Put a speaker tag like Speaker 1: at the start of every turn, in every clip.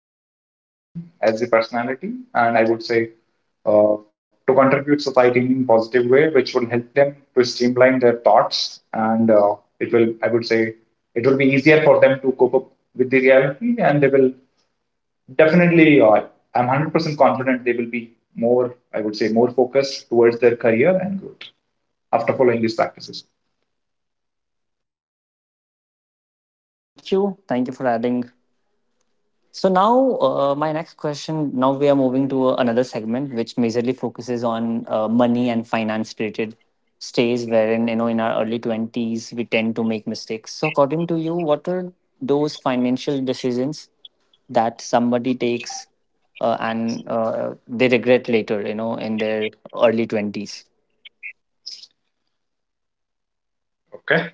Speaker 1: On value addition as a personality, and I would say, uh, to contribute society in positive way, which will help them to streamline their thoughts, and it will, I would say, it will be easier for them to cope up with the reality, and they will definitely. I'm 100% confident they will be more, I would say, more focused towards their career and growth after following these practices.
Speaker 2: Thank you. Thank you for adding. So now, my next question. Now we are moving to another segment, which majorly focuses on money and finance-related stays, wherein in our early twenties we tend to make mistakes. So, according to you, what are those financial decisions that somebody takes and they regret later? You know, in their early twenties.
Speaker 1: Okay.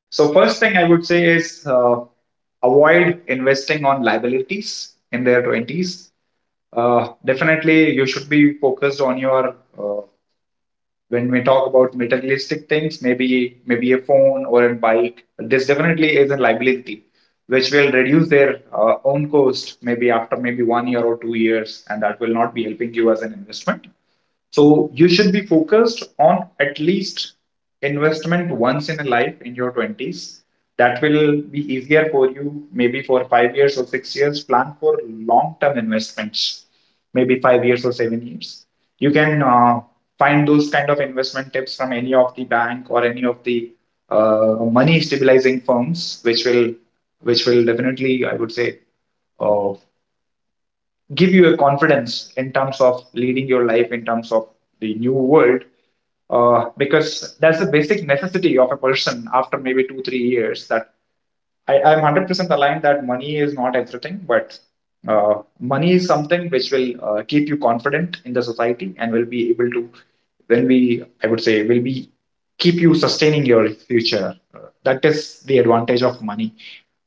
Speaker 1: So, first thing I would say is avoid investing on liabilities in their 20s. Definitely, you should be focused on your when we talk about materialistic things, maybe a phone or a bike. This definitely is a liability which will reduce their own cost maybe after maybe 1 year or 2 years, and that will not be helping you as an investment. So you should be focused on at least investment once in a life in your 20s. That will be easier for you, maybe for 5 years or 6 years. Plan for long term investments, maybe 5 years or 7 years. You can find those kind of investment tips from any of the bank or any of the money stabilizing firms, which will definitely, I would say, uh, give you a confidence in terms of leading your life in terms of the new world because that's the basic necessity of a person after maybe 2 3 years that I'm 100% aligned that money is not everything, but money is something which will keep you confident in the society and will be able to, when we, I would say, will be keep you sustaining your future. That is the advantage of money.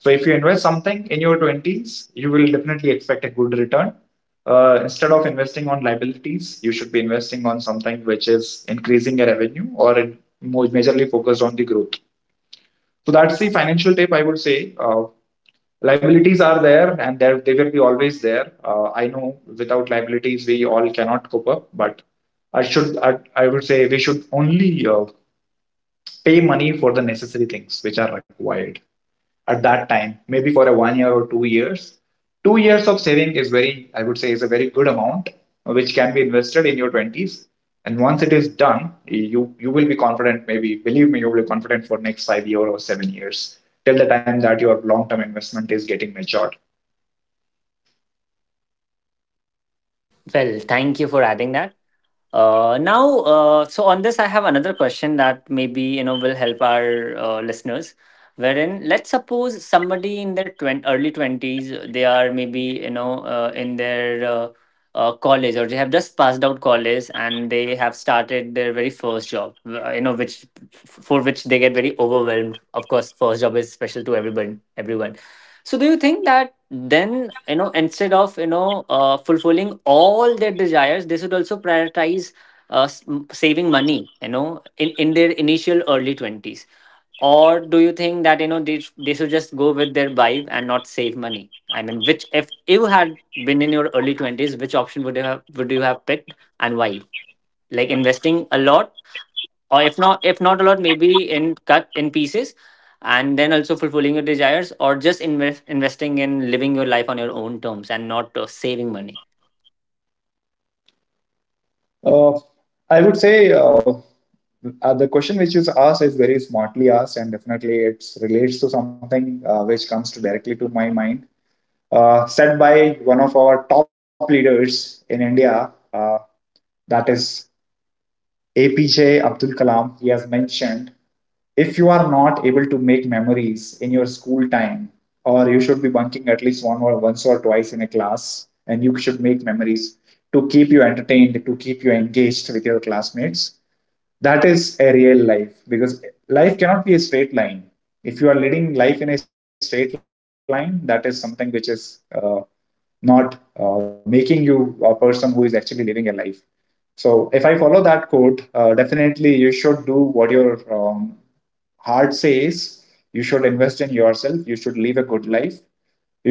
Speaker 1: So if you invest something in your 20s, you will definitely expect a good return. Instead of investing on liabilities, you should be investing on something which is increasing your revenue or in, more majorly focused on the growth. So that's the financial tip I would say. Liabilities are there and there, they will be always there. I know without liabilities we all cannot cope up, but I would say we should only pay money for the necessary things which are required at that time, maybe for a 1 year or 2 years. 2 years of saving is very, I would say, is a very good amount which can be invested in your 20s, and once it is done, you will be confident. Maybe, believe me, you will be confident for next 5 year or 7 years, till the time that your long term investment is getting matured.
Speaker 2: Well, thank you for adding that. So on this, I have another question that maybe will help our listeners. Wherein, let's suppose somebody in their 20, early twenties, they are maybe you know in their college, or they have just passed out college and they have started their very first job. You know, for which they get very overwhelmed. Of course, first job is special to everyone. Everyone, so do you think that then instead of fulfilling all their desires, they should also prioritize saving money, you know, in their initial early twenties? Or do you think that they should just go with their vibe and not save money? I mean, which if you had been in your early twenties, which option would you have picked, and why? Like investing a lot, or if not a lot, maybe in cut in pieces, and then also fulfilling your desires, or just investing in living your life on your own terms and not saving money?
Speaker 1: Uh, I would say the question which is asked is very smartly asked, and definitely it relates to something which comes to directly to my mind, said by one of our top leaders in India, that is APJ Abdul Kalam. He has mentioned if you are not able to make memories in your school time, or you should be bunking at least one or once or twice in a class, and you should make memories to keep you entertained, to keep you engaged with your classmates. That is a real life, because life cannot be a straight line. If you are leading life in a straight line, that is something which is not making you a person who is actually living a life. So if I follow that quote, definitely you should do what your heart says. You should invest in yourself, you should live a good life,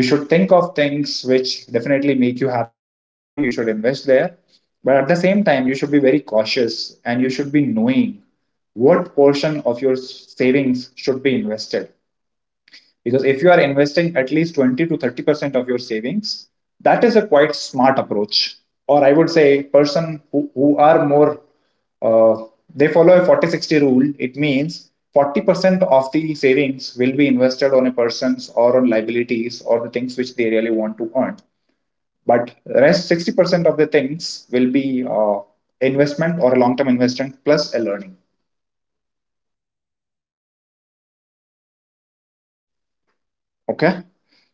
Speaker 1: you should think of things which definitely make you happy, you should invest there. But at the same time, you should be very cautious and you should be knowing what portion of your savings should be invested. Because if you are investing at least 20 to 30% of your savings, that is a quite smart approach. Or I would say, person who are more uh, they follow a 40-60 rule. It means 40% of the savings will be invested on a person's or on liabilities or the things which they really want to earn, but the rest 60% of the things will be uh, investment or a long term investment plus a learning. Okay.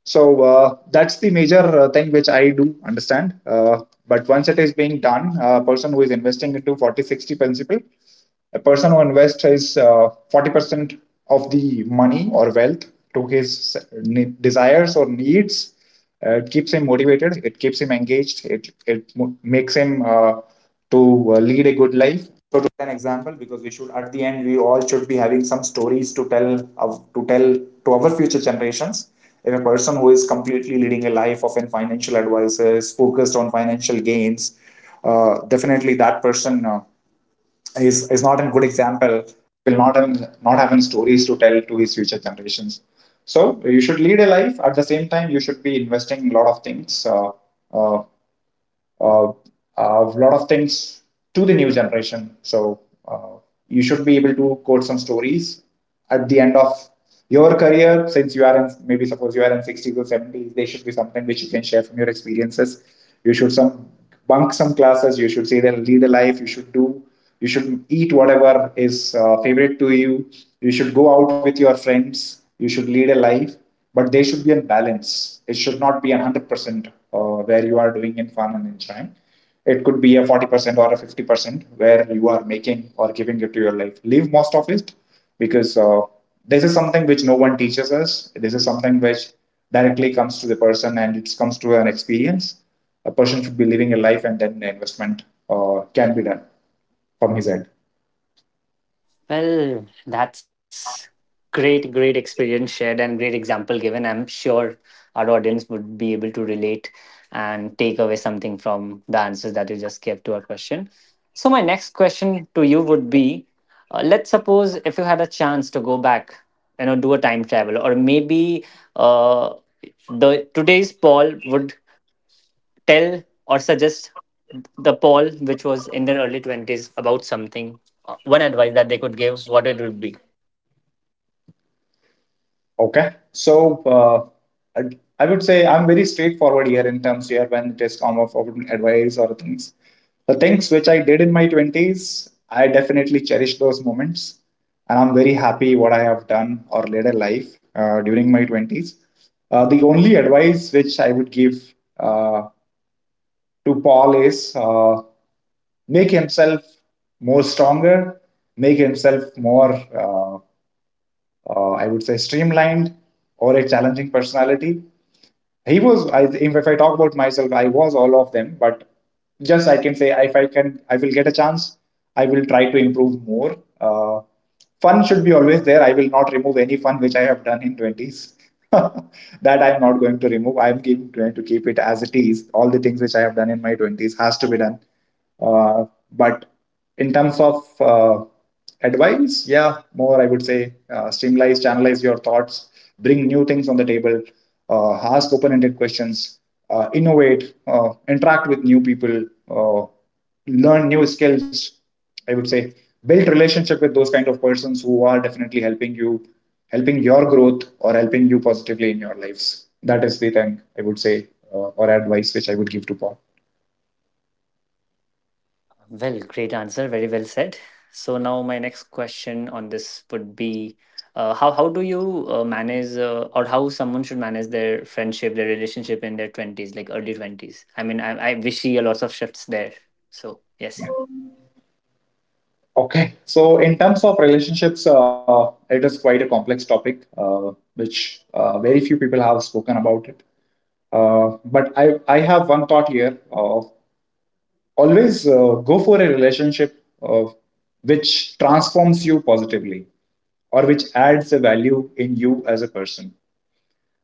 Speaker 1: So that's the major thing which I do understand. But once it is being done, a person who is investing into 40-60 principle, a person who invests his 40% of the money or wealth to his desires or needs, it keeps him motivated, it keeps him engaged, makes him to lead a good life. Generations. So you should lead a life. At the same time, you should be investing in a lot of things. Uh, uh, uh, a lot of things to the new generation. So uh, you should be able to quote some stories at the end of your career, since you are in maybe, suppose you are in 60s or 70s, there should be something which you can share from your experiences. You should some bunk some classes, you should say that lead a life, you should do, you should eat whatever is favorite to you, you should go out with your friends, you should lead a life. But there should be a balance. It should not be 100% where you are doing in fun and enjoying. It could be a 40% or a 50% where you are making or giving it to your life. Leave most of it, because this is something which no one teaches us. This is something which directly comes to the person and it comes to an experience. A person should be living a life and then the investment can be done from his end.
Speaker 2: Well, that's great experience shared and great example given. I'm sure our audience would be able to relate and take away something from the answers that you just gave to our question. So, my next question to you would be, let's suppose if you had a chance to go back, you know, do a time travel, or maybe uh, the today's Paul would tell or suggest the Paul which was in their early 20s about something. One advice that they could give, what it would be.
Speaker 1: Okay. So I, I would say I'm very straightforward here in terms here when it is come of advice or things. The things which I did in my 20s, I definitely cherish those moments. And I'm very happy what I have done or led a life during my 20s. The only advice which I would give to Paul is make himself more stronger, make himself more I would say, streamlined or a challenging personality. He was, I, if I talk about myself, I was all of them, but just I can say if I can, I will get a chance, I will try to improve more. Fun should be always there. I will not remove any fun which I have done in 20s. That I'm not going to remove. Going to keep it as it is. All the things which I have done in my 20s has to be done, uh, but in terms of advice, yeah, more I would say streamline, channelize your thoughts, bring new things on the table, ask open ended questions, innovate, interact with new people, uh, learn new skills. I would say build relationship with those kind of persons who are definitely helping you, helping your growth or helping you positively in your lives. That is the thing I would say, or advice which I would give to Paul.
Speaker 2: Well, great answer. Very well said. So now my next question on this would be, how do you manage, or how someone should manage their friendship, their relationship in their 20s, like early 20s? I mean, I wish you a lot of shifts there. So, yes.
Speaker 1: Okay, so in terms of relationships, it is quite a complex topic, which very few people have spoken about it. But I have one thought here of always go for a relationship of which transforms you positively or which adds a value in you as a person.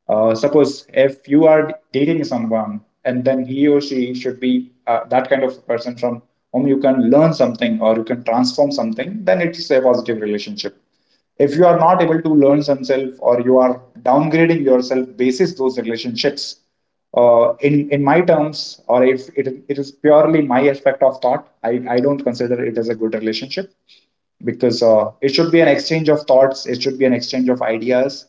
Speaker 1: Suppose if you are dating someone, and then he or she should be that kind of person from whom you can learn something or you can transform something, then it's a positive relationship. If you are not able to learn yourself or you are downgrading yourself basis those relationships, in my terms, or if it is purely my aspect of thought, I don't consider it as a good relationship, because it should be an exchange of thoughts, it should be an exchange of ideas,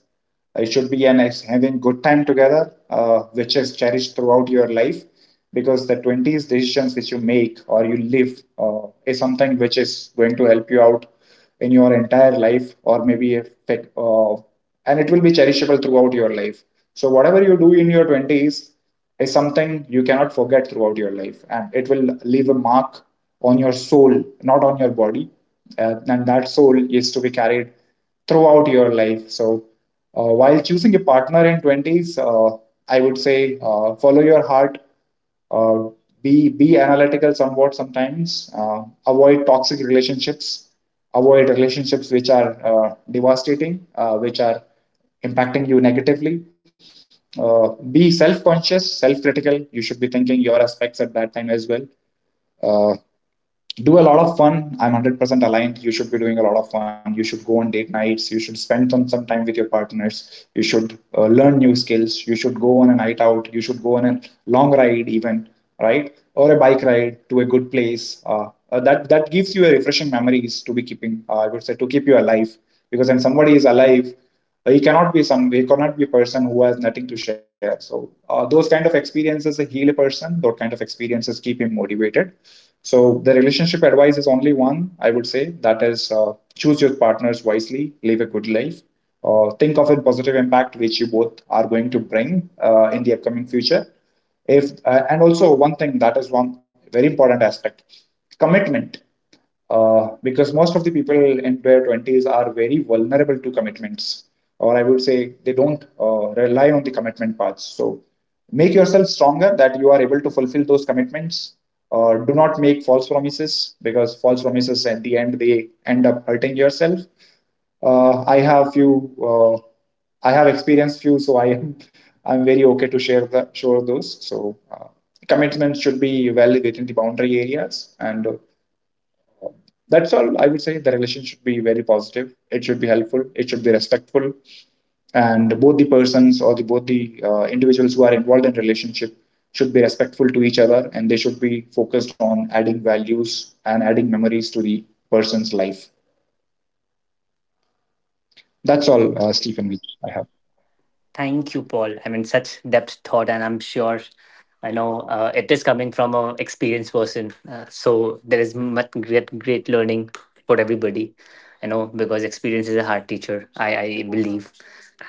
Speaker 1: it should be having good time together, which is cherished throughout your life, because the 20s decisions which you make or you live is something which is going to help you out in your entire life, or maybe if it, and it will be cherishable throughout your life. So whatever you do in your twenties is something you cannot forget throughout your life, and it will leave a mark on your soul, not on your body. And that soul is to be carried throughout your life. So while choosing a partner in 20s, I would say, follow your heart. uh, be analytical somewhat sometimes. Avoid toxic relationships, avoid relationships which are devastating, which are impacting you negatively. uh, be self-conscious, self-critical. You should be thinking your aspects at that time as well. uh, do a lot of fun. I'm 100% aligned. You should be doing a lot of fun. You should go on date nights. You should spend some time with your partners. You should learn new skills. You should go on a night out. You should go on a long ride, even, right? Or a bike ride to a good place. That gives you a refreshing memories to be keeping, I would say, to keep you alive. Because when somebody is alive, he cannot be a person who has nothing to share. So those kind of experiences heal a person, those kind of experiences keep him motivated. So the relationship advice is only one, I would say. That is, choose your partners wisely, live a good life. Think of a positive impact which you both are going to bring in the upcoming future. If and also one thing, that is one very important aspect: commitment. Because most of the people in their 20s are very vulnerable to commitments, or I would say they don't rely on the commitment parts. So make yourself stronger, that you are able to fulfill those commitments. Do not make false promises, because false promises at the end, they end up hurting yourself. uh, i have few uh, I have experienced few, so i'm very okay to share those. So uh, commitments should be well within the boundary areas, and that's all I would say. The relation should be very positive. It should be helpful. It should be respectful, and both the persons, or the individuals who are involved in relationship, should be respectful to each other, and they should be focused on adding values and adding memories to the person's life. That's all, Stephen, which I have.
Speaker 2: Thank you, Paul. I mean, such depth thought, and I'm sure I know it is coming from a experienced person. So there is much great learning for everybody. I know because experience is a hard teacher. I believe,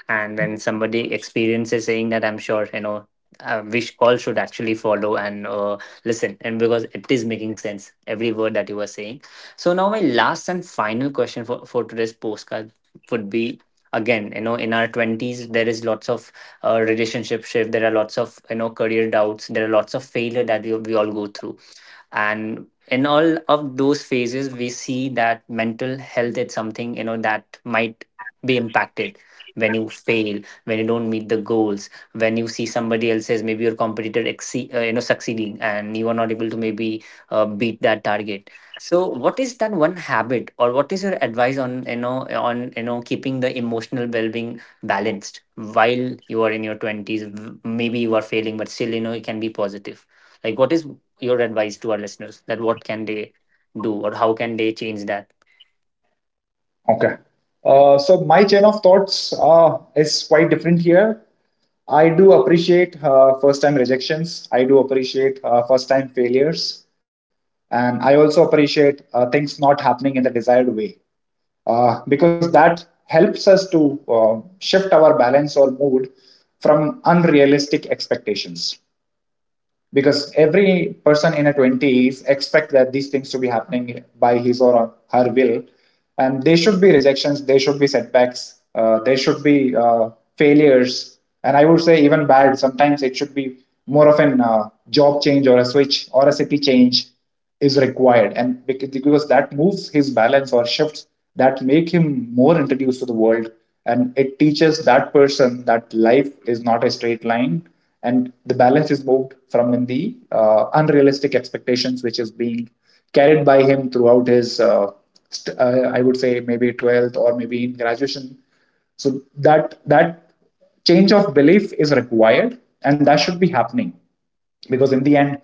Speaker 2: and when somebody experiences saying that, I'm sure you know, we all should actually follow and listen, and because it is making sense every word that you were saying. So now my last and final question for today's postcard would be, again, you know, in our 20s there is lots of relationship shift, there are lots of, you know, career doubts, there are lots of failure that we all go through, and in all of those phases we see that mental health is something, you know, that might be impacted when you fail, when you don't meet the goals, when you see somebody else's, maybe your competitor, you know, succeeding and you are not able to maybe beat that target. So what is that one habit, or what is your advice on, you know, on, you know, keeping the emotional well-being balanced while you are in your 20s, maybe you are failing but still you know you can be positive? Like what is your advice to our listeners, that what can they do or how can they change that?
Speaker 1: Okay. So my chain of thoughts is quite different here. I do appreciate first time rejections. I do appreciate first time failures. And I also appreciate things not happening in the desired way, because that helps us to shift our balance or mood from unrealistic expectations, because every person in a 20s expect that these things to be happening by his or her will. And there should be rejections, there should be setbacks, there should be failures. And I would say, even bad sometimes, it should be more of an job change, or a switch, or a city change is required. Because that moves his balance or shifts, that make him more introduced to the world, and it teaches that person that life is not a straight line. And the balance is moved from in the unrealistic expectations which is being carried by him throughout his I would say maybe 12th or maybe in graduation. So that change of belief is required, and that should be happening. Because in the end,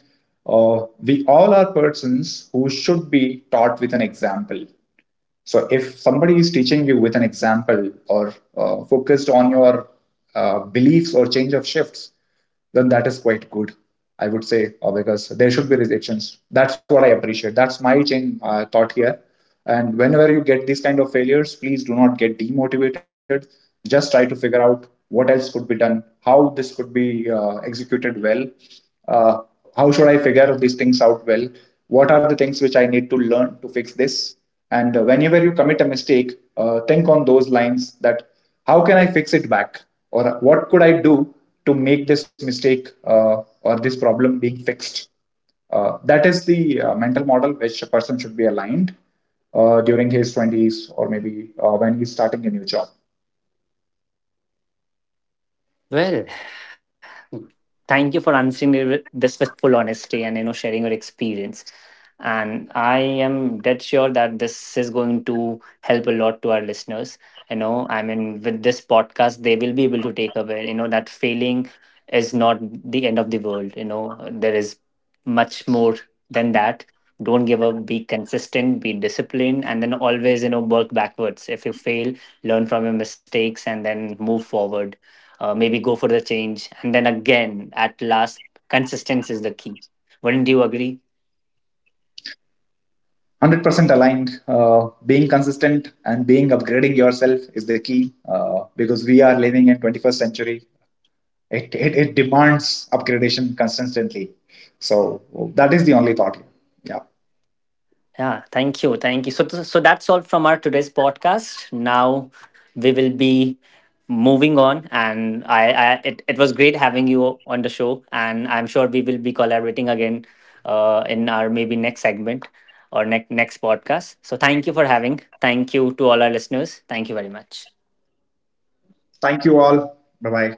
Speaker 1: we all are persons who should be taught with an example. So if somebody is teaching you with an example, or focused on your beliefs or change of shifts, then that is quite good. I would say, because there should be rejections. That's what I appreciate. That's my change thought here. And whenever you get these kind of failures, please do not get demotivated. Just try to figure out what else could be done, how this could be executed well, uh, how should I figure these things out well, what are the things which I need to learn to fix this. And whenever you commit a mistake, think on those lines, that how can I fix it back? Or what could I do to make this mistake, or this problem, being fixed? That is the mental model which a person should be aligned during his 20s, or maybe when he's starting a new job.
Speaker 2: Well, thank you for answering it with this with full honesty, and you know, sharing your experience. And I am dead sure that this is going to help a lot to our listeners. You know, I mean, with this podcast, they will be able to take away, you know, that failing is not the end of the world. You know, there is much more than that. Don't give up, be consistent, be disciplined, and then always, you know, work backwards. If you fail, learn from your mistakes and then move forward, maybe go for the change, and then again, at last, consistency is the key. Wouldn't you agree?
Speaker 1: 100% aligned, being consistent and being upgrading yourself is the key, because we are living in 21st century. It demands upgradation consistently. So that is the only thought here. Yeah.
Speaker 2: Yeah, thank you. So, so that's all from our today's podcast. Now we will be moving on, and I, it was great having you on the show, and I'm sure we will be collaborating again, in our maybe next segment, or next podcast. So thank you for having. Thank you to all our listeners. Thank you very much.
Speaker 1: Thank you all. Bye bye.